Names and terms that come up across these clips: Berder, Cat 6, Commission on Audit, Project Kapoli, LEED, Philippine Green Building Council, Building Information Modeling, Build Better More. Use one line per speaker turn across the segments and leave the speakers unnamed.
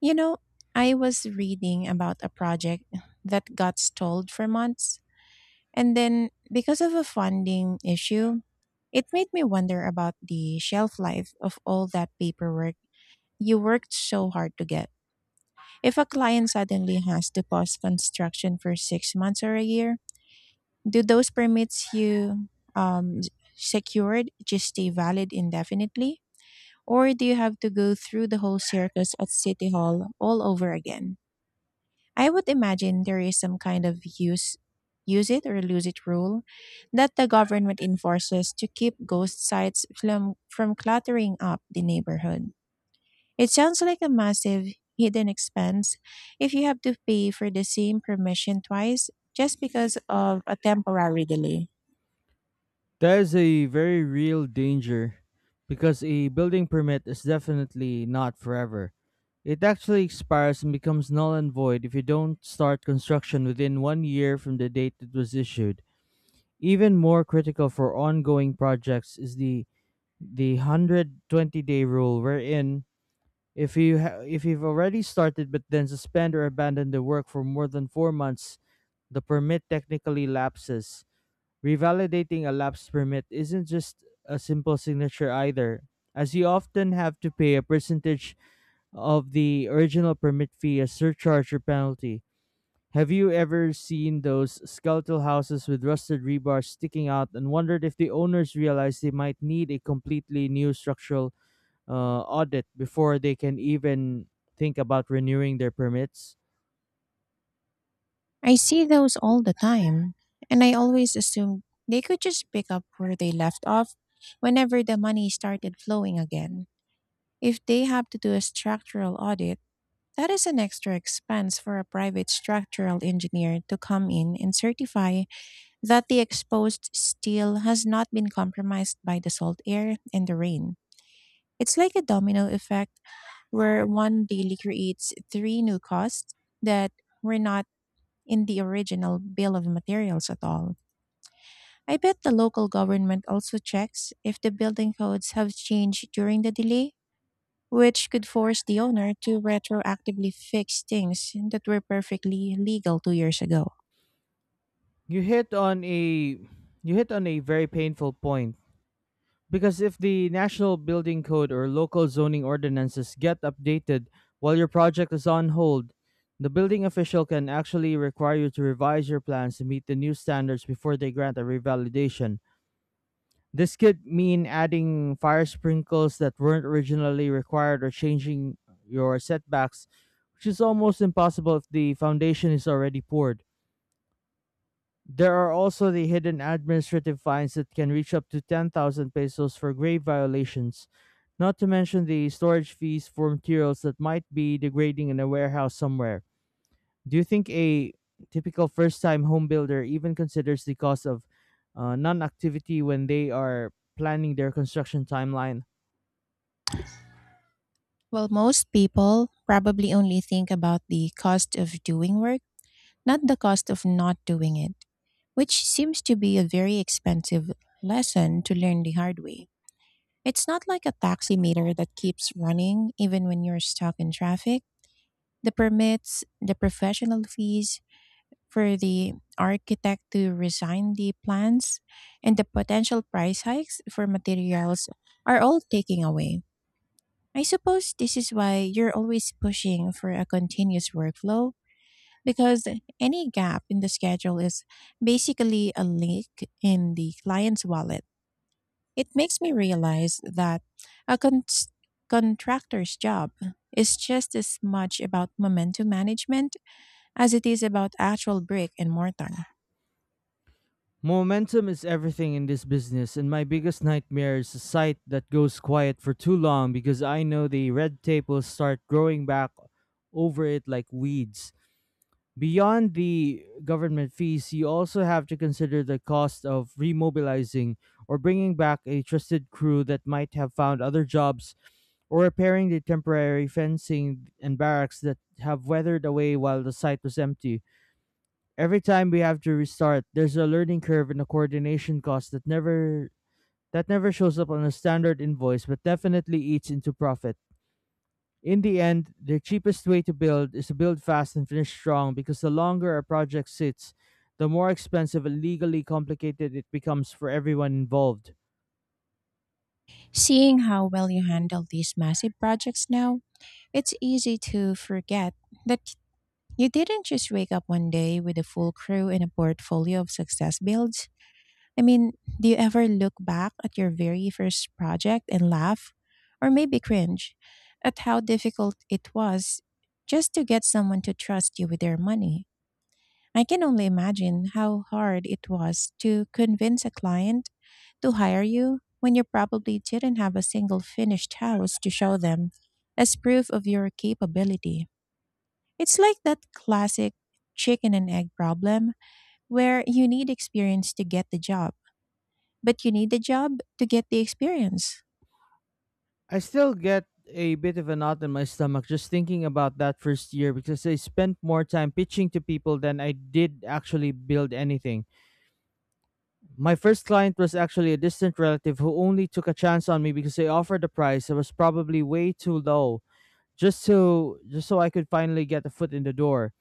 You know, I was reading about a project that got stalled for months, and then because of a funding issue, it made me wonder about the shelf life of all that paperwork you worked so hard to get. If a client suddenly has to pause construction for 6 months or a year, do those permits you um, s- secured just stay valid indefinitely? Or do you have to go through the whole circus at City Hall all over again? I would imagine there is some kind of use it or lose it rule that the government enforces to keep ghost sites from cluttering up the neighborhood. It sounds like a massive hidden expense if you have to pay for the same permission twice just because of a temporary delay.
That is a very real danger because a building permit is definitely not forever. It actually expires and becomes null and void if you don't start construction within 1 year from the date it was issued. Even more critical for ongoing projects is the 120-day rule, wherein if you've already started but then suspend or abandon the work for more than 4 months, the permit technically lapses. Revalidating a lapse permit isn't just a simple signature either, as you often have to pay a percentage of the original permit fee as surcharge or penalty. Have you ever seen those skeletal houses with rusted rebar sticking out and wondered if the owners realize they might need a completely new structural audit before they can even think about renewing their permits?
I see those all the time, and I always assumed they could just pick up where they left off whenever the money started flowing again. If they have to do a structural audit, that is an extra expense for a private structural engineer to come in and certify that the exposed steel has not been compromised by the salt air and the rain. It's like a domino effect where one daily creates three new costs that were not in the original bill of materials at all. I bet the local government also checks if the building codes have changed during the delay, which could force the owner to retroactively fix things that were perfectly legal 2 years ago.
You hit on a you hit on a very painful point, because if the National Building Code or local zoning ordinances get updated while your project is on hold, the building official can actually require you to revise your plans to meet the new standards before they grant a revalidation. This could mean adding fire sprinkles that weren't originally required, or changing your setbacks, which is almost impossible if the foundation is already poured. There are also the hidden administrative fines that can reach up to 10,000 pesos for grave violations, not to mention the storage fees for materials that might be degrading in a warehouse somewhere. Do you think a typical first time home builder even considers the cost of non activity when they are planning their construction timeline?
While most people probably only think about the cost of doing work, not the cost of not doing it, which seems to be a very expensive lesson to learn the hard way. It's not like a taximeter that keeps running even when you're stuck in traffic. The permits, the professional fees for the architect to resign the plans, and the potential price hikes for materials are all taking away. I suppose this is why you're always pushing for a continuous workflow, because any gap in the schedule is basically a leak in the client's wallet. It makes me realize that a contractor's job is just as much about momentum management as it is about actual brick and mortar.
Momentum is everything in this business, and my biggest nightmare is a site that goes quiet for too long, because I know the red tape will start growing back over it like weeds. Beyond the government fees, you also have to consider the cost of remobilizing, or bringing back a trusted crew that might have found other jobs, or repairing the temporary fencing and barracks that have weathered away while the site was empty. Every time we have to restart, there's a learning curve and a coordination cost that never shows up on a standard invoice but definitely eats into profit. In the end, the cheapest way to build is to build fast and finish strong, because the longer a project sits, the more expensive and legally complicated it becomes for everyone involved.
Seeing how well you handle these massive projects now, it's easy to forget that you didn't just wake up one day with a full crew and a portfolio of success builds. I mean, do you ever look back at your very first project and laugh, or maybe cringe, at how difficult it was just to get someone to trust you with their money? I can only imagine how hard it was to convince a client to hire you when you probably didn't have a single finished house to show them as proof of your capability. It's like that classic chicken and egg problem where you need experience to get the job, but you need the job to get the experience.
I still get a bit of a knot in my stomach just thinking about that first year, because I spent more time pitching to people than I did actually build anything. My first client was actually a distant relative who only took a chance on me because they offered a price that was probably way too low, just so I could finally get a foot in the door.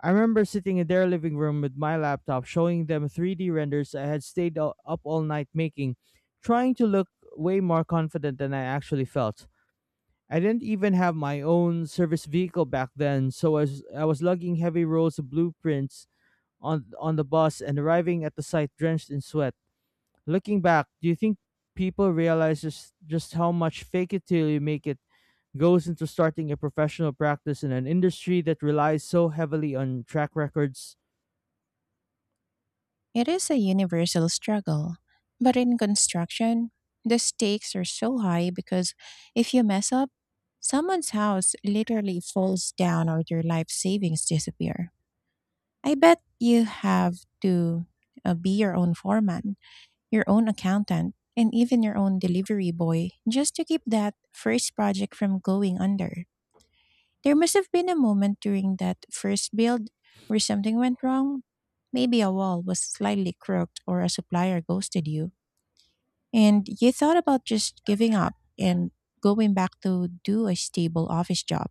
I remember sitting in their living room with my laptop, showing them 3D renders I had stayed up all night making, trying to look way more confident than I actually felt. I didn't even have my own service vehicle back then, so I was lugging heavy rolls of blueprints on the bus and arriving at the site drenched in sweat. Looking back, do you think people realize just how much fake it till you make it goes into starting a professional practice in an industry that relies so heavily on track records?
It is a universal struggle, but in construction, the stakes are so high because if you mess up, someone's house literally falls down or their life savings disappear. I bet you have to be your own foreman, your own accountant, and even your own delivery boy just to keep that first project from going under. There must have been a moment during that first build where something went wrong. Maybe a wall was slightly crooked or a supplier ghosted you. And you thought about just giving up and going back to do a stable office job.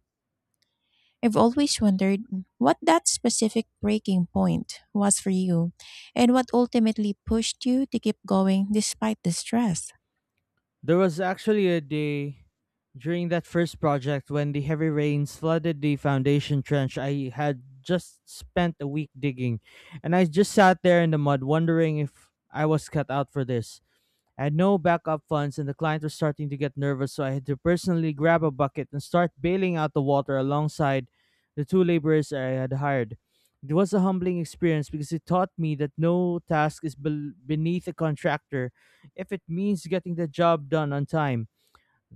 I've always wondered what that specific breaking point was for you and what ultimately pushed you to keep going despite the stress.
There was actually a day during that first project when the heavy rains flooded the foundation trench I had just spent a week digging, and I just sat there in the mud wondering if I was cut out for this. I had no backup funds, and the client was starting to get nervous, so I had to personally grab a bucket and start bailing out the water alongside the two laborers I had hired. It was a humbling experience, because it taught me that no task is bel beneath a contractor if it means getting the job done on time.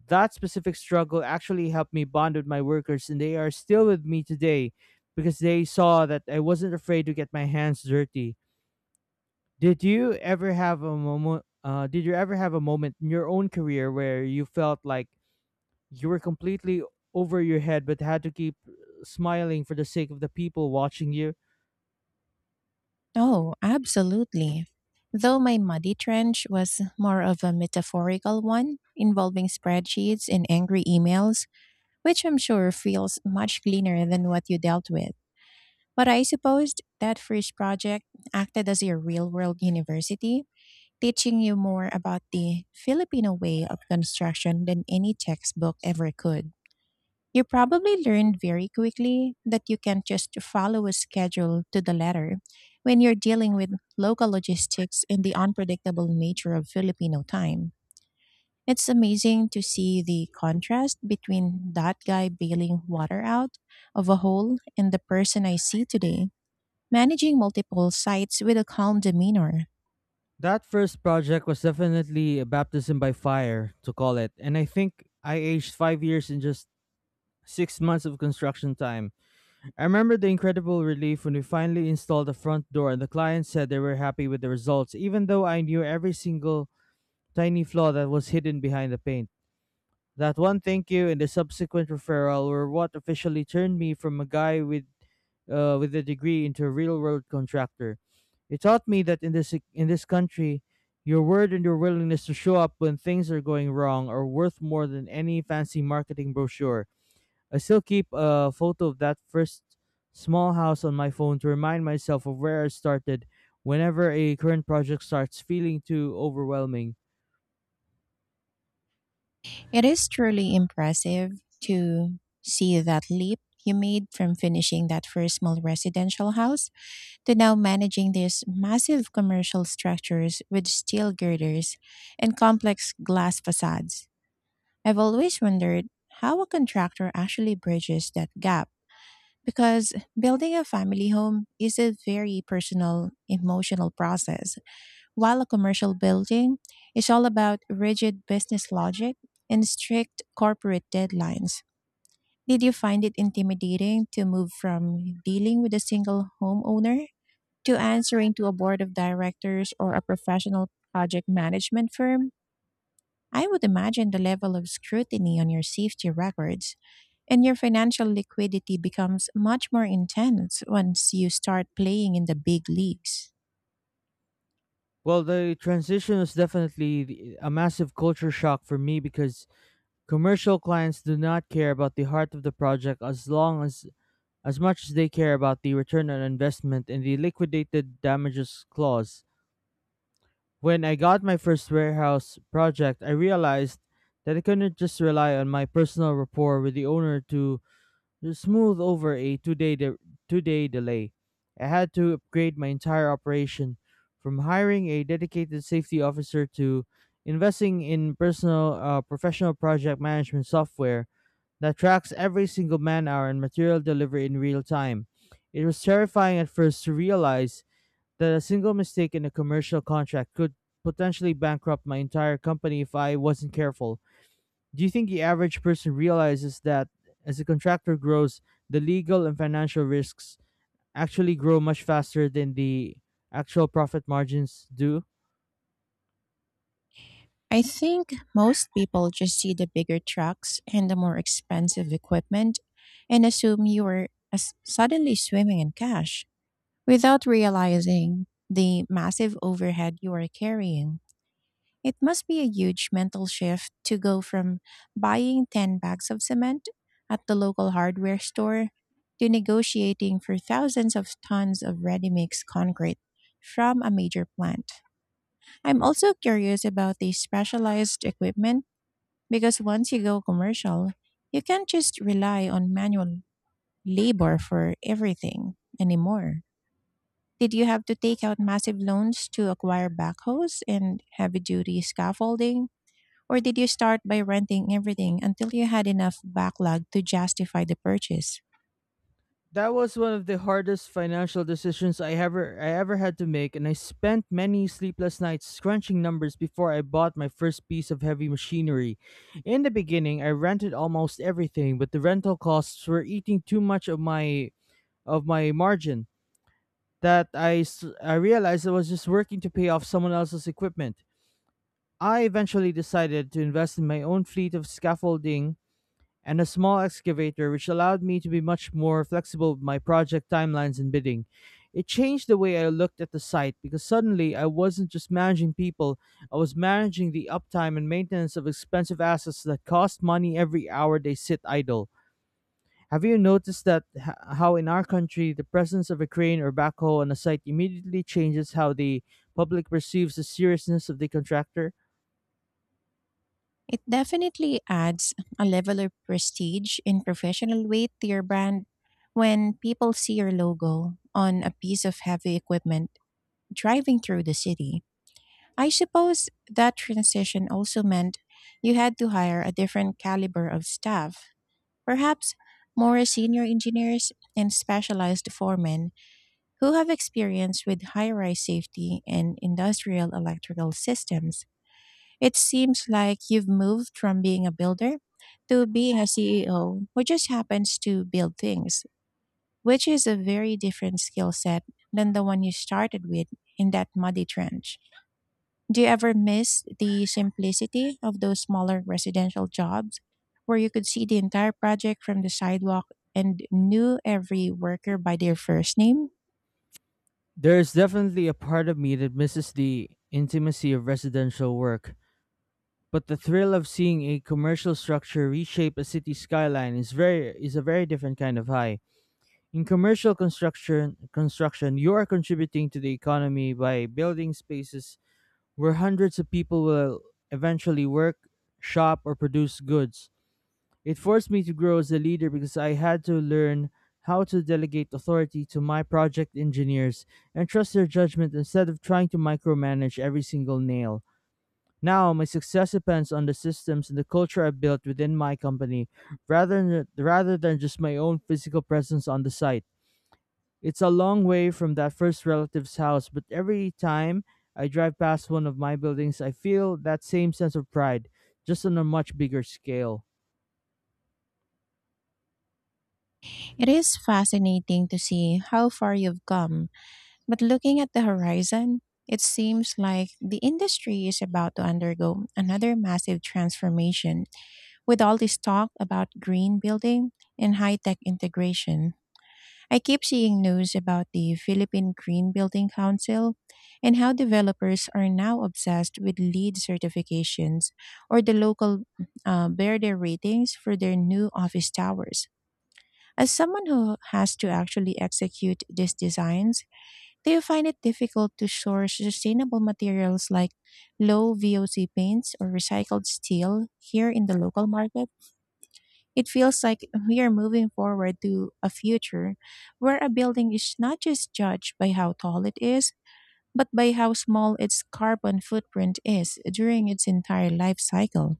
That specific struggle actually helped me bond with my workers, and they are still with me today because they saw that I wasn't afraid to get my hands dirty. Did you ever have a moment in your own career where you felt like you were completely over your head but had to keep smiling for the sake of the people watching you?
Oh, absolutely. Though my muddy trench was more of a metaphorical one, involving spreadsheets and angry emails, which I'm sure feels much cleaner than what you dealt with. But I supposed that first project acted as your real world university, teaching you more about the Filipino way of construction than any textbook ever could. You probably learned very quickly that you can't just follow a schedule to the letter when you're dealing with local logistics and the unpredictable nature of Filipino time. It's amazing to see the contrast between that guy bailing water out of a hole and the person I see today, managing multiple sites with a calm demeanor.
That first project was definitely a baptism by fire, to call it, and I think I aged 5 years in just 6 months of construction time. I remember the incredible relief when we finally installed the front door and the client said they were happy with the results, even though I knew every single tiny flaw that was hidden behind the paint. That one thank you and the subsequent referral were what officially turned me from a guy with a degree into a real world contractor. It taught me that in this country, your word and your willingness to show up when things are going wrong are worth more than any fancy marketing brochure. I still keep a photo of that first small house on my phone to remind myself of where I started, whenever a current project starts feeling too overwhelming.
It is truly impressive to see that leap you made from finishing that first small residential house to now managing these massive commercial structures with steel girders and complex glass facades. I've always wondered how a contractor actually bridges that gap, because building a family home is a very personal, emotional process, while a commercial building is all about rigid business logic and strict corporate deadlines. Did you find it intimidating to move from dealing with a single homeowner to answering to a board of directors or a professional project management firm? I would imagine the level of scrutiny on your safety records and your financial liquidity becomes much more intense once you start playing in the big leagues.
Well, the transition was definitely a massive culture shock for me, because commercial clients do not care about the heart of the project as much as they care about the return on investment and the liquidated damages clause. When I got my first warehouse project, I realized that I couldn't just rely on my personal rapport with the owner to smooth over a two-day delay. I had to upgrade my entire operation, from hiring a dedicated safety officer to investing in personal professional project management software that tracks every single man hour and material delivery in real time. It was terrifying at first to realize that a single mistake in a commercial contract could potentially bankrupt my entire company if I wasn't careful. Do you think the average person realizes that, as a contractor grows, the legal and financial risks actually grow much faster than the actual profit margins do?
I think most people just see the bigger trucks and the more expensive equipment and assume you are suddenly swimming in cash without realizing the massive overhead you are carrying. It must be a huge mental shift to go from buying 10 bags of cement at the local hardware store to negotiating for thousands of tons of ready mix concrete from a major plant. I'm also curious about the specialized equipment, because once you go commercial, you can't just rely on manual labor for everything anymore. Did you have to take out massive loans to acquire backhoes and heavy duty scaffolding? Or did you start by renting everything until you had enough backlog to justify the purchase?
That was one of the hardest financial decisions I ever had to make, and I spent many sleepless nights crunching numbers before I bought my first piece of heavy machinery. In the beginning, I rented almost everything, but the rental costs were eating too much of my margin that I realized I was just working to pay off someone else's equipment. I eventually decided to invest in my own fleet of scaffolding and a small excavator, which allowed me to be much more flexible with my project timelines and bidding. It changed the way I looked at the site, because suddenly I wasn't just managing people, I was managing the uptime and maintenance of expensive assets that cost money every hour they sit idle. Have you noticed how in our country the presence of a crane or backhoe on a site immediately changes how the public perceives the seriousness of the contractor?
It definitely adds a level of prestige and professional weight to your brand when people see your logo on a piece of heavy equipment driving through the city. I suppose that transition also meant you had to hire a different caliber of staff, perhaps more senior engineers and specialized foremen who have experience with high rise safety and industrial electrical systems. It seems like you've moved from being a builder to being a CEO who just happens to build things, which is a very different skill set than the one you started with in that muddy trench. Do you ever miss the simplicity of those smaller residential jobs where you could see the entire project from the sidewalk and knew every worker by their first name?
There is definitely a part of me that misses the intimacy of residential work, but the thrill of seeing a commercial structure reshape a city skyline is a very different kind of high. In commercial construction, you are contributing to the economy by building spaces where hundreds of people will eventually work, shop, or produce goods. It forced me to grow as a leader, because I had to learn how to delegate authority to my project engineers and trust their judgment instead of trying to micromanage every single nail. Now, my success depends on the systems and the culture I built within my company, rather than just my own physical presence on the site. It's a long way from that first relative's house, but every time I drive past one of my buildings, I feel that same sense of pride, just on a much bigger scale.
It is fascinating to see how far you've come, but looking at the horizon, it seems like the industry is about to undergo another massive transformation with all this talk about green building and high tech integration. I keep seeing news about the Philippine Green Building Council and how developers are now obsessed with LEED certifications or the local Berder ratings for their new office towers. As someone who has to actually execute these designs, do you find it difficult to source sustainable materials like low VOC paints or recycled steel here in the local market? It feels like we are moving forward to a future where a building is not just judged by how tall it is, but by how small its carbon footprint is during its entire life cycle.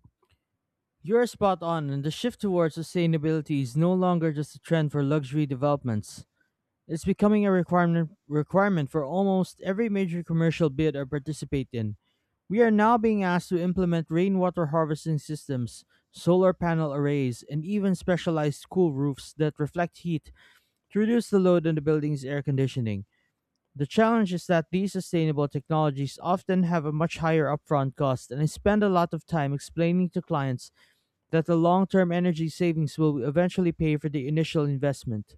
You're spot on, and the shift towards sustainability is no longer just a trend for luxury developments. It's becoming a requirement for almost every major commercial bid I participate in. We are now being asked to implement rainwater harvesting systems, solar panel arrays, and even specialized cool roofs that reflect heat to reduce the load on the building's air conditioning. The challenge is that these sustainable technologies often have a much higher upfront cost, and I spend a lot of time explaining to clients that the long term energy savings will eventually pay for the initial investment.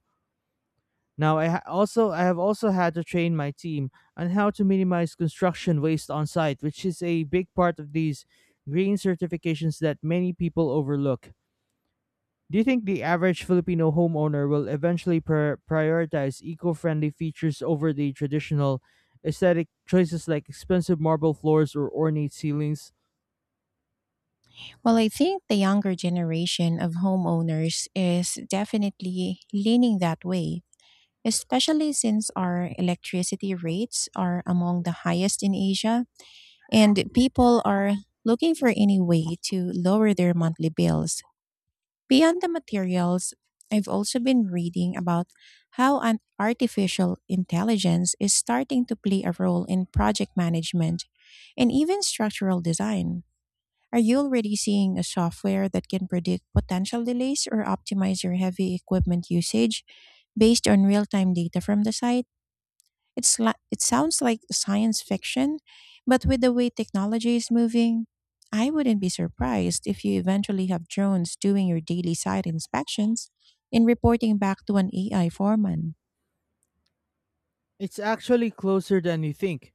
Now, also I have also had to train my team on how to minimize construction waste on site, which is a big part of these green certifications that many people overlook. Do you think the average Filipino homeowner will eventually prioritize eco friendly features over the traditional aesthetic choices like expensive marble floors or ornate ceilings?
Well, I think the younger generation of homeowners is definitely leaning that way, especially since our electricity rates are among the highest in Asia, and people are looking for any way to lower their monthly bills. Beyond the materials, I've also been reading about how an artificial intelligence is starting to play a role in project management and even structural design. Are you already seeing a software that can predict potential delays or optimize your heavy equipment usage based on real time data from the site? It's like, it sounds like science fiction, but with the way technology is moving, I wouldn't be surprised if you eventually have drones doing your daily site inspections and reporting back to an AI foreman.
It's actually closer than you think,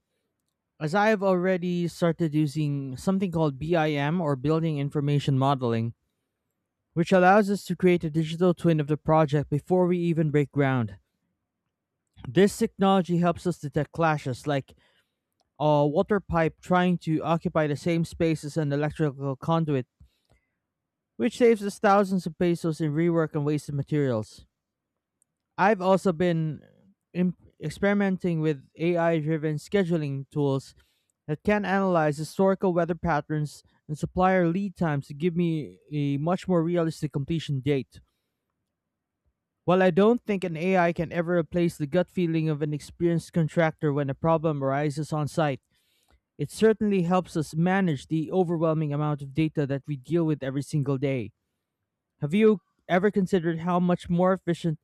as I have already started using something called BIM, or Building Information Modeling, which allows us to create a digital twin of the project before we even break ground. This technology helps us detect clashes, like a water pipe trying to occupy the same space as an electrical conduit, which saves us thousands of pesos in rework and wasted materials. I've also been im- experimenting with AI driven scheduling tools that can analyze historical weather patterns and supplier lead times to give me a much more realistic completion date. While I don't think an AI can ever replace the gut feeling of an experienced contractor when a problem arises on site, it certainly helps us manage the overwhelming amount of data that we deal with every single day. Have you ever considered how much more efficient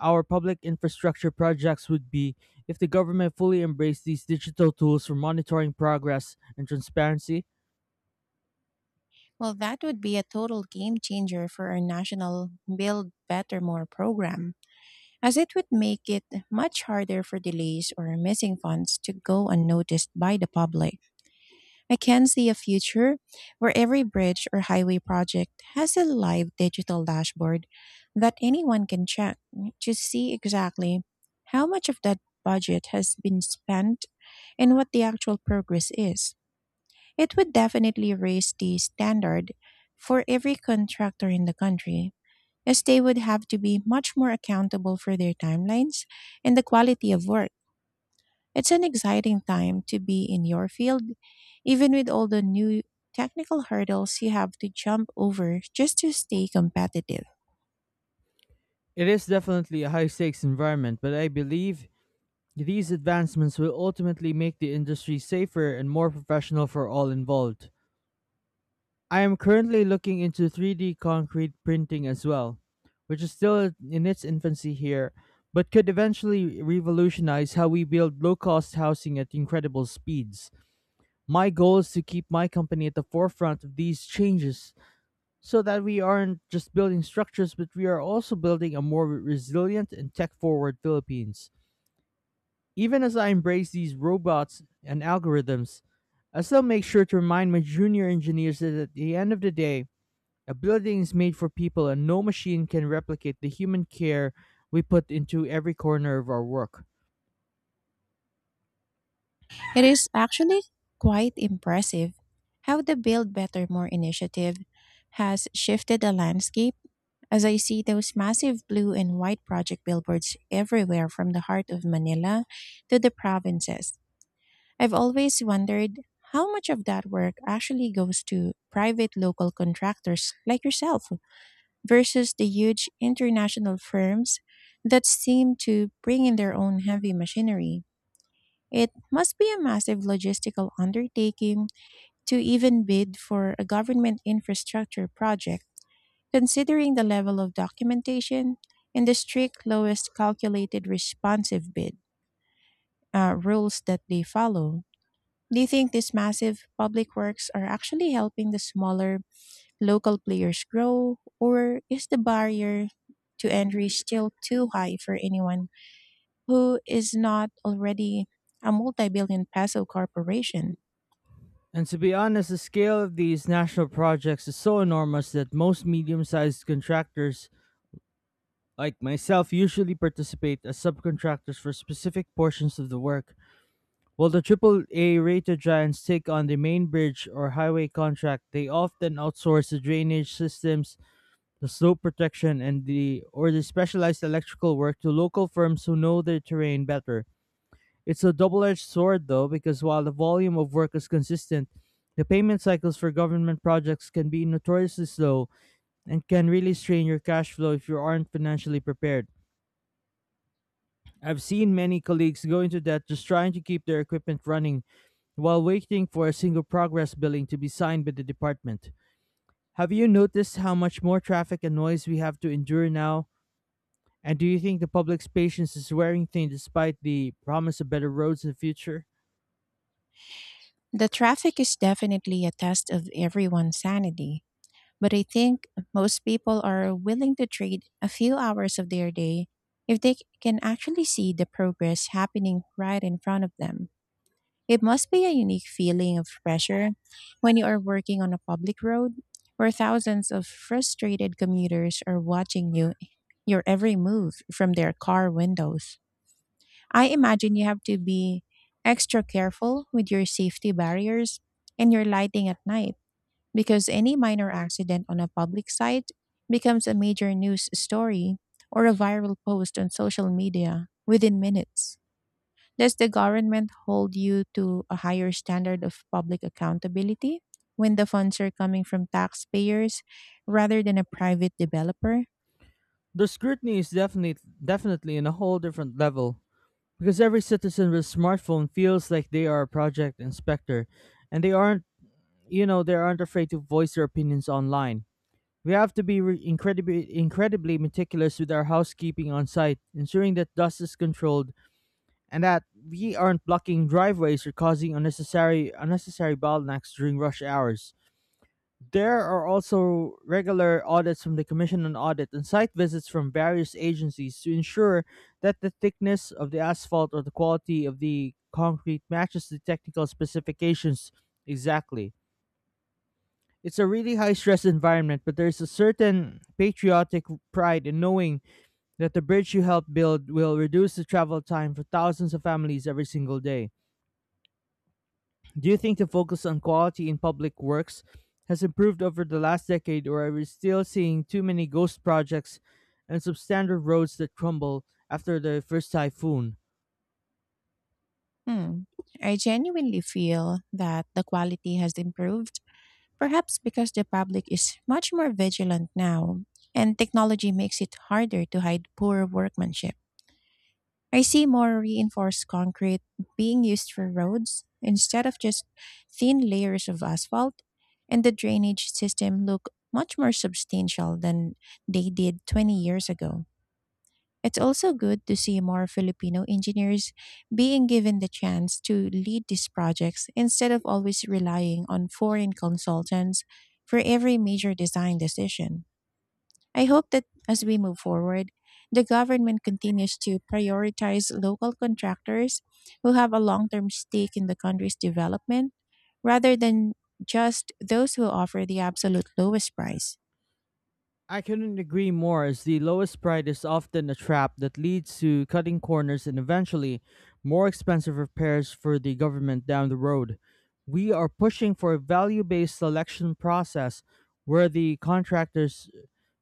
our public infrastructure projects would be if the government fully embraced these digital tools for monitoring progress and transparency?
Well, that would be a total game changer for our national Build Better More program, as it would make it much harder for delays or missing funds to go unnoticed by the public. I can see a future where every bridge or highway project has a live digital dashboard that anyone can check to see exactly how much of that budget has been spent and what the actual progress is. It would definitely raise the standard for every contractor in the country, as they would have to be much more accountable for their timelines and the quality of work. It's an exciting time to be in your field, even with all the new technical hurdles you have to jump over just to stay competitive.
It is definitely a high stakes environment, but I believe these advancements will ultimately make the industry safer and more professional for all involved. I am currently looking into 3D concrete printing as well, which is still in its infancy here, but could eventually revolutionize how we build low cost housing at incredible speeds. My goal is to keep my company at the forefront of these changes, so that we aren't just building structures, but we are also building a more resilient and tech forward Philippines. Even as I embrace these robots and algorithms, I still make sure to remind my junior engineers that, at the end of the day, a building is made for people, and no machine can replicate the human care we put into every corner of our work.
It is actually quite impressive how the Build Better More initiative has shifted the landscape, as I see those massive blue and white project billboards everywhere from the heart of Manila to the provinces. I've always wondered how much of that work actually goes to private local contractors like yourself, versus the huge international firms that seem to bring in their own heavy machinery. It must be a massive logistical undertaking to even bid for a government infrastructure project, considering the level of documentation and the strict lowest calculated responsive bid rules that they follow. Do you think these massive public works are actually helping the smaller local players grow, or is the barrier to entry still too high for anyone who is not already a multi billion peso corporation?
And to be honest, the scale of these national projects is so enormous that most medium sized contractors, like myself, usually participate as subcontractors for specific portions of the work. While the triple-A rated giants take on the main bridge or highway contract, they often outsource the drainage systems, the slow protection, and the specialized electrical work to local firms who know their terrain better. It's a double-edged sword though, because while the volume of work is consistent, the payment cycles for government projects can be notoriously slow and can really strain your cash flow if you aren't financially prepared. I've seen many colleagues go into debt just trying to keep their equipment running while waiting for a single progress billing to be signed by the department. Have you noticed how much more traffic and noise we have to endure now? And do you think the public's patience is wearing thin despite the promise of better roads in the future?
The traffic is definitely a test of everyone's sanity, but I think most people are willing to trade a few hours of their day if they can actually see the progress happening right in front of them. It must be a unique feeling of pressure when you are working on a public road where thousands of frustrated commuters are watching your every move from their car windows. I imagine you have to be extra careful with your safety barriers and your lighting at night, because any minor accident on a public site becomes a major news story or a viral post on social media within minutes. Does the government hold you to a higher standard of public accountability when the funds are coming from taxpayers rather than a private developer?
The scrutiny is definitely on a whole different level, because every citizen with a smartphone feels like they are a project inspector, and they aren't afraid to voice their opinions online. We have to be incredibly meticulous with our housekeeping on site, ensuring that dust is controlled and that we aren't blocking driveways or causing unnecessary bottlenecks during rush hours. There are also regular audits from the Commission on Audit and site visits from various agencies to ensure that the thickness of the asphalt or the quality of the concrete matches the technical specifications exactly. It's a really high stress environment, but there's a certain patriotic pride in knowing that the bridge you helped build will reduce the travel time for thousands of families every single day. Do you think the focus on quality in public works has improved over the last decade, or are we still seeing too many ghost projects and substandard roads that crumble after the first typhoon?
Hmm. I genuinely feel that the quality has improved, perhaps because the public is much more vigilant now and technology makes it harder to hide poor workmanship. I see more reinforced concrete being used for roads instead of just thin layers of asphalt, and the drainage system look much more substantial than they did 20 years ago. It's also good to see more Filipino engineers being given the chance to lead these projects instead of always relying on foreign consultants for every major design decision. I hope that as we move forward, the government continues to prioritize local contractors who have a long term stake in the country's development rather than just those who offer the absolute lowest price.
I couldn't agree more, as the lowest price is often a trap that leads to cutting corners and eventually more expensive repairs for the government down the road. We are pushing for a value based selection process where the contractor's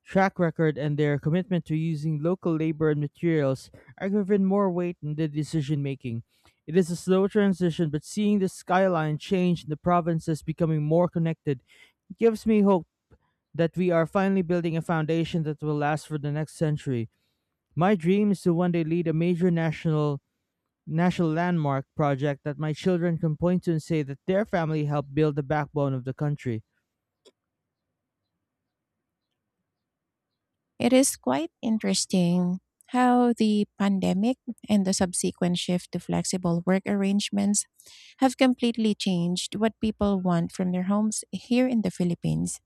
track record and their commitment to using local labor and materials are given more weight in the decision making. It is a slow transition, but seeing the skyline change and the provinces becoming more connected gives me hope that we are finally building a foundation that will last for the next century. My dream is to one day lead a major national landmark project that my children can point to and say that their family helped build the backbone of the country.
It is quite interesting how the pandemic and the subsequent shift to flexible work arrangements have completely changed what people want from their homes here in the Philippines.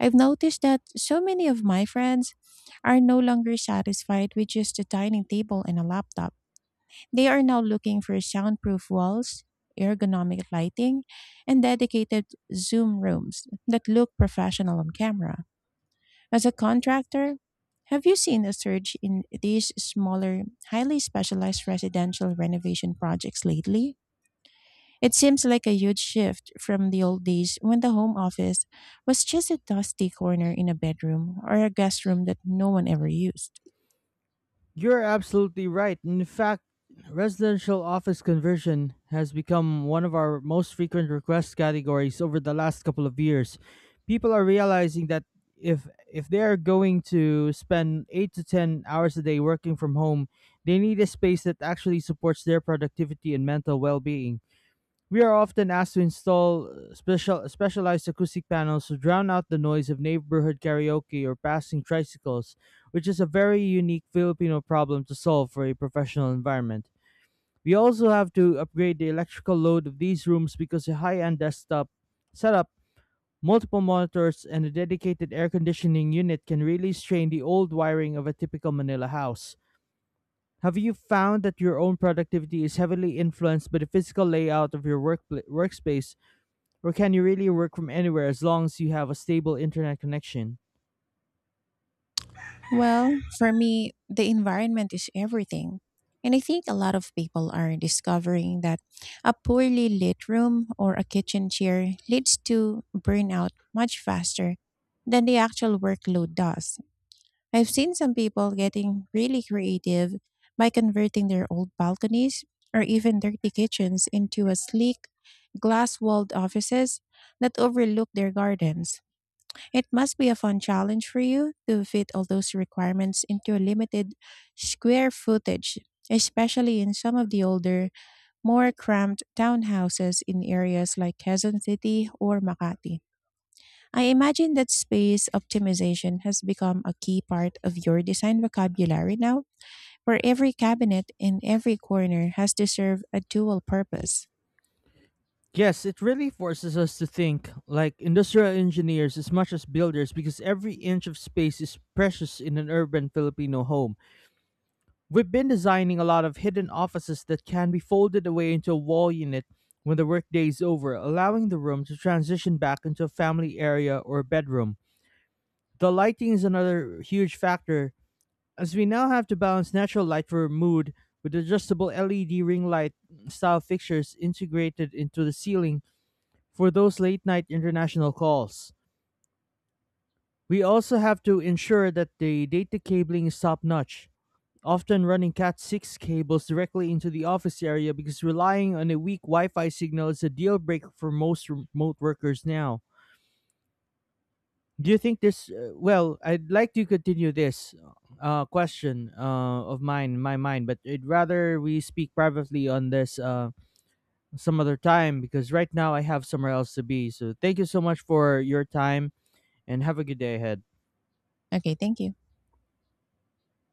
I've noticed that so many of my friends are no longer satisfied with just a dining table and a laptop. They are now looking for soundproof walls, ergonomic lighting, and dedicated Zoom rooms that look professional on camera. As a contractor, have you seen a surge in these smaller, highly specialized residential renovation projects lately? It seems like a huge shift from the old days when the home office was just a dusty corner in a bedroom or a guest room that no one ever used.
You're absolutely right. In fact, residential office conversion has become one of our most frequent request categories over the last couple of years. People are realizing that, if they are going to spend 8 to 10 hours a day working from home, they need a space that actually supports their productivity and mental well-being. We are often asked to install specialized acoustic panels to drown out the noise of neighborhood karaoke or passing tricycles, which is a very unique Filipino problem to solve for a professional environment. We also have to upgrade the electrical load of these rooms, because a high-end desktop setup, multiple monitors, and a dedicated air conditioning unit can really strain the old wiring of a typical Manila house. Have you found that your own productivity is heavily influenced by the physical layout of your workspace, or can you really work from anywhere as long as you have a stable internet connection?
Well, for me, the environment is everything. And I think a lot of people are discovering that a poorly lit room or a kitchen chair leads to burnout much faster than the actual workload does. I've seen some people getting really creative by converting their old balconies or even dirty kitchens into a sleek, glass walled offices that overlook their gardens. It must be a fun challenge for you to fit all those requirements into a limited square footage, especially in some of the older, more cramped townhouses in areas like Quezon City or Makati. I imagine that space optimization has become a key part of your design vocabulary now, where every cabinet in every corner has to serve a dual purpose.
Yes, it really forces us to think like industrial engineers as much as builders, because every inch of space is precious in an urban Filipino home. We've been designing a lot of hidden offices that can be folded away into a wall unit when the workday is over, allowing the room to transition back into a family area or bedroom. The lighting is another huge factor, as we now have to balance natural light for mood with adjustable LED ring light style fixtures integrated into the ceiling for those late night international calls. We also have to ensure that the data cabling is top notch, often running Cat 6 cables directly into the office area, because relying on a weak Wi Fi signal is a deal breaker for most remote workers now. Do you think this Well, I'd like to continue this question, of mine, my mind, but I'd rather we speak privately on this some other time, because right now I have somewhere else to be. So, thank you so much for your time, and have a good day ahead.
Okay, thank you.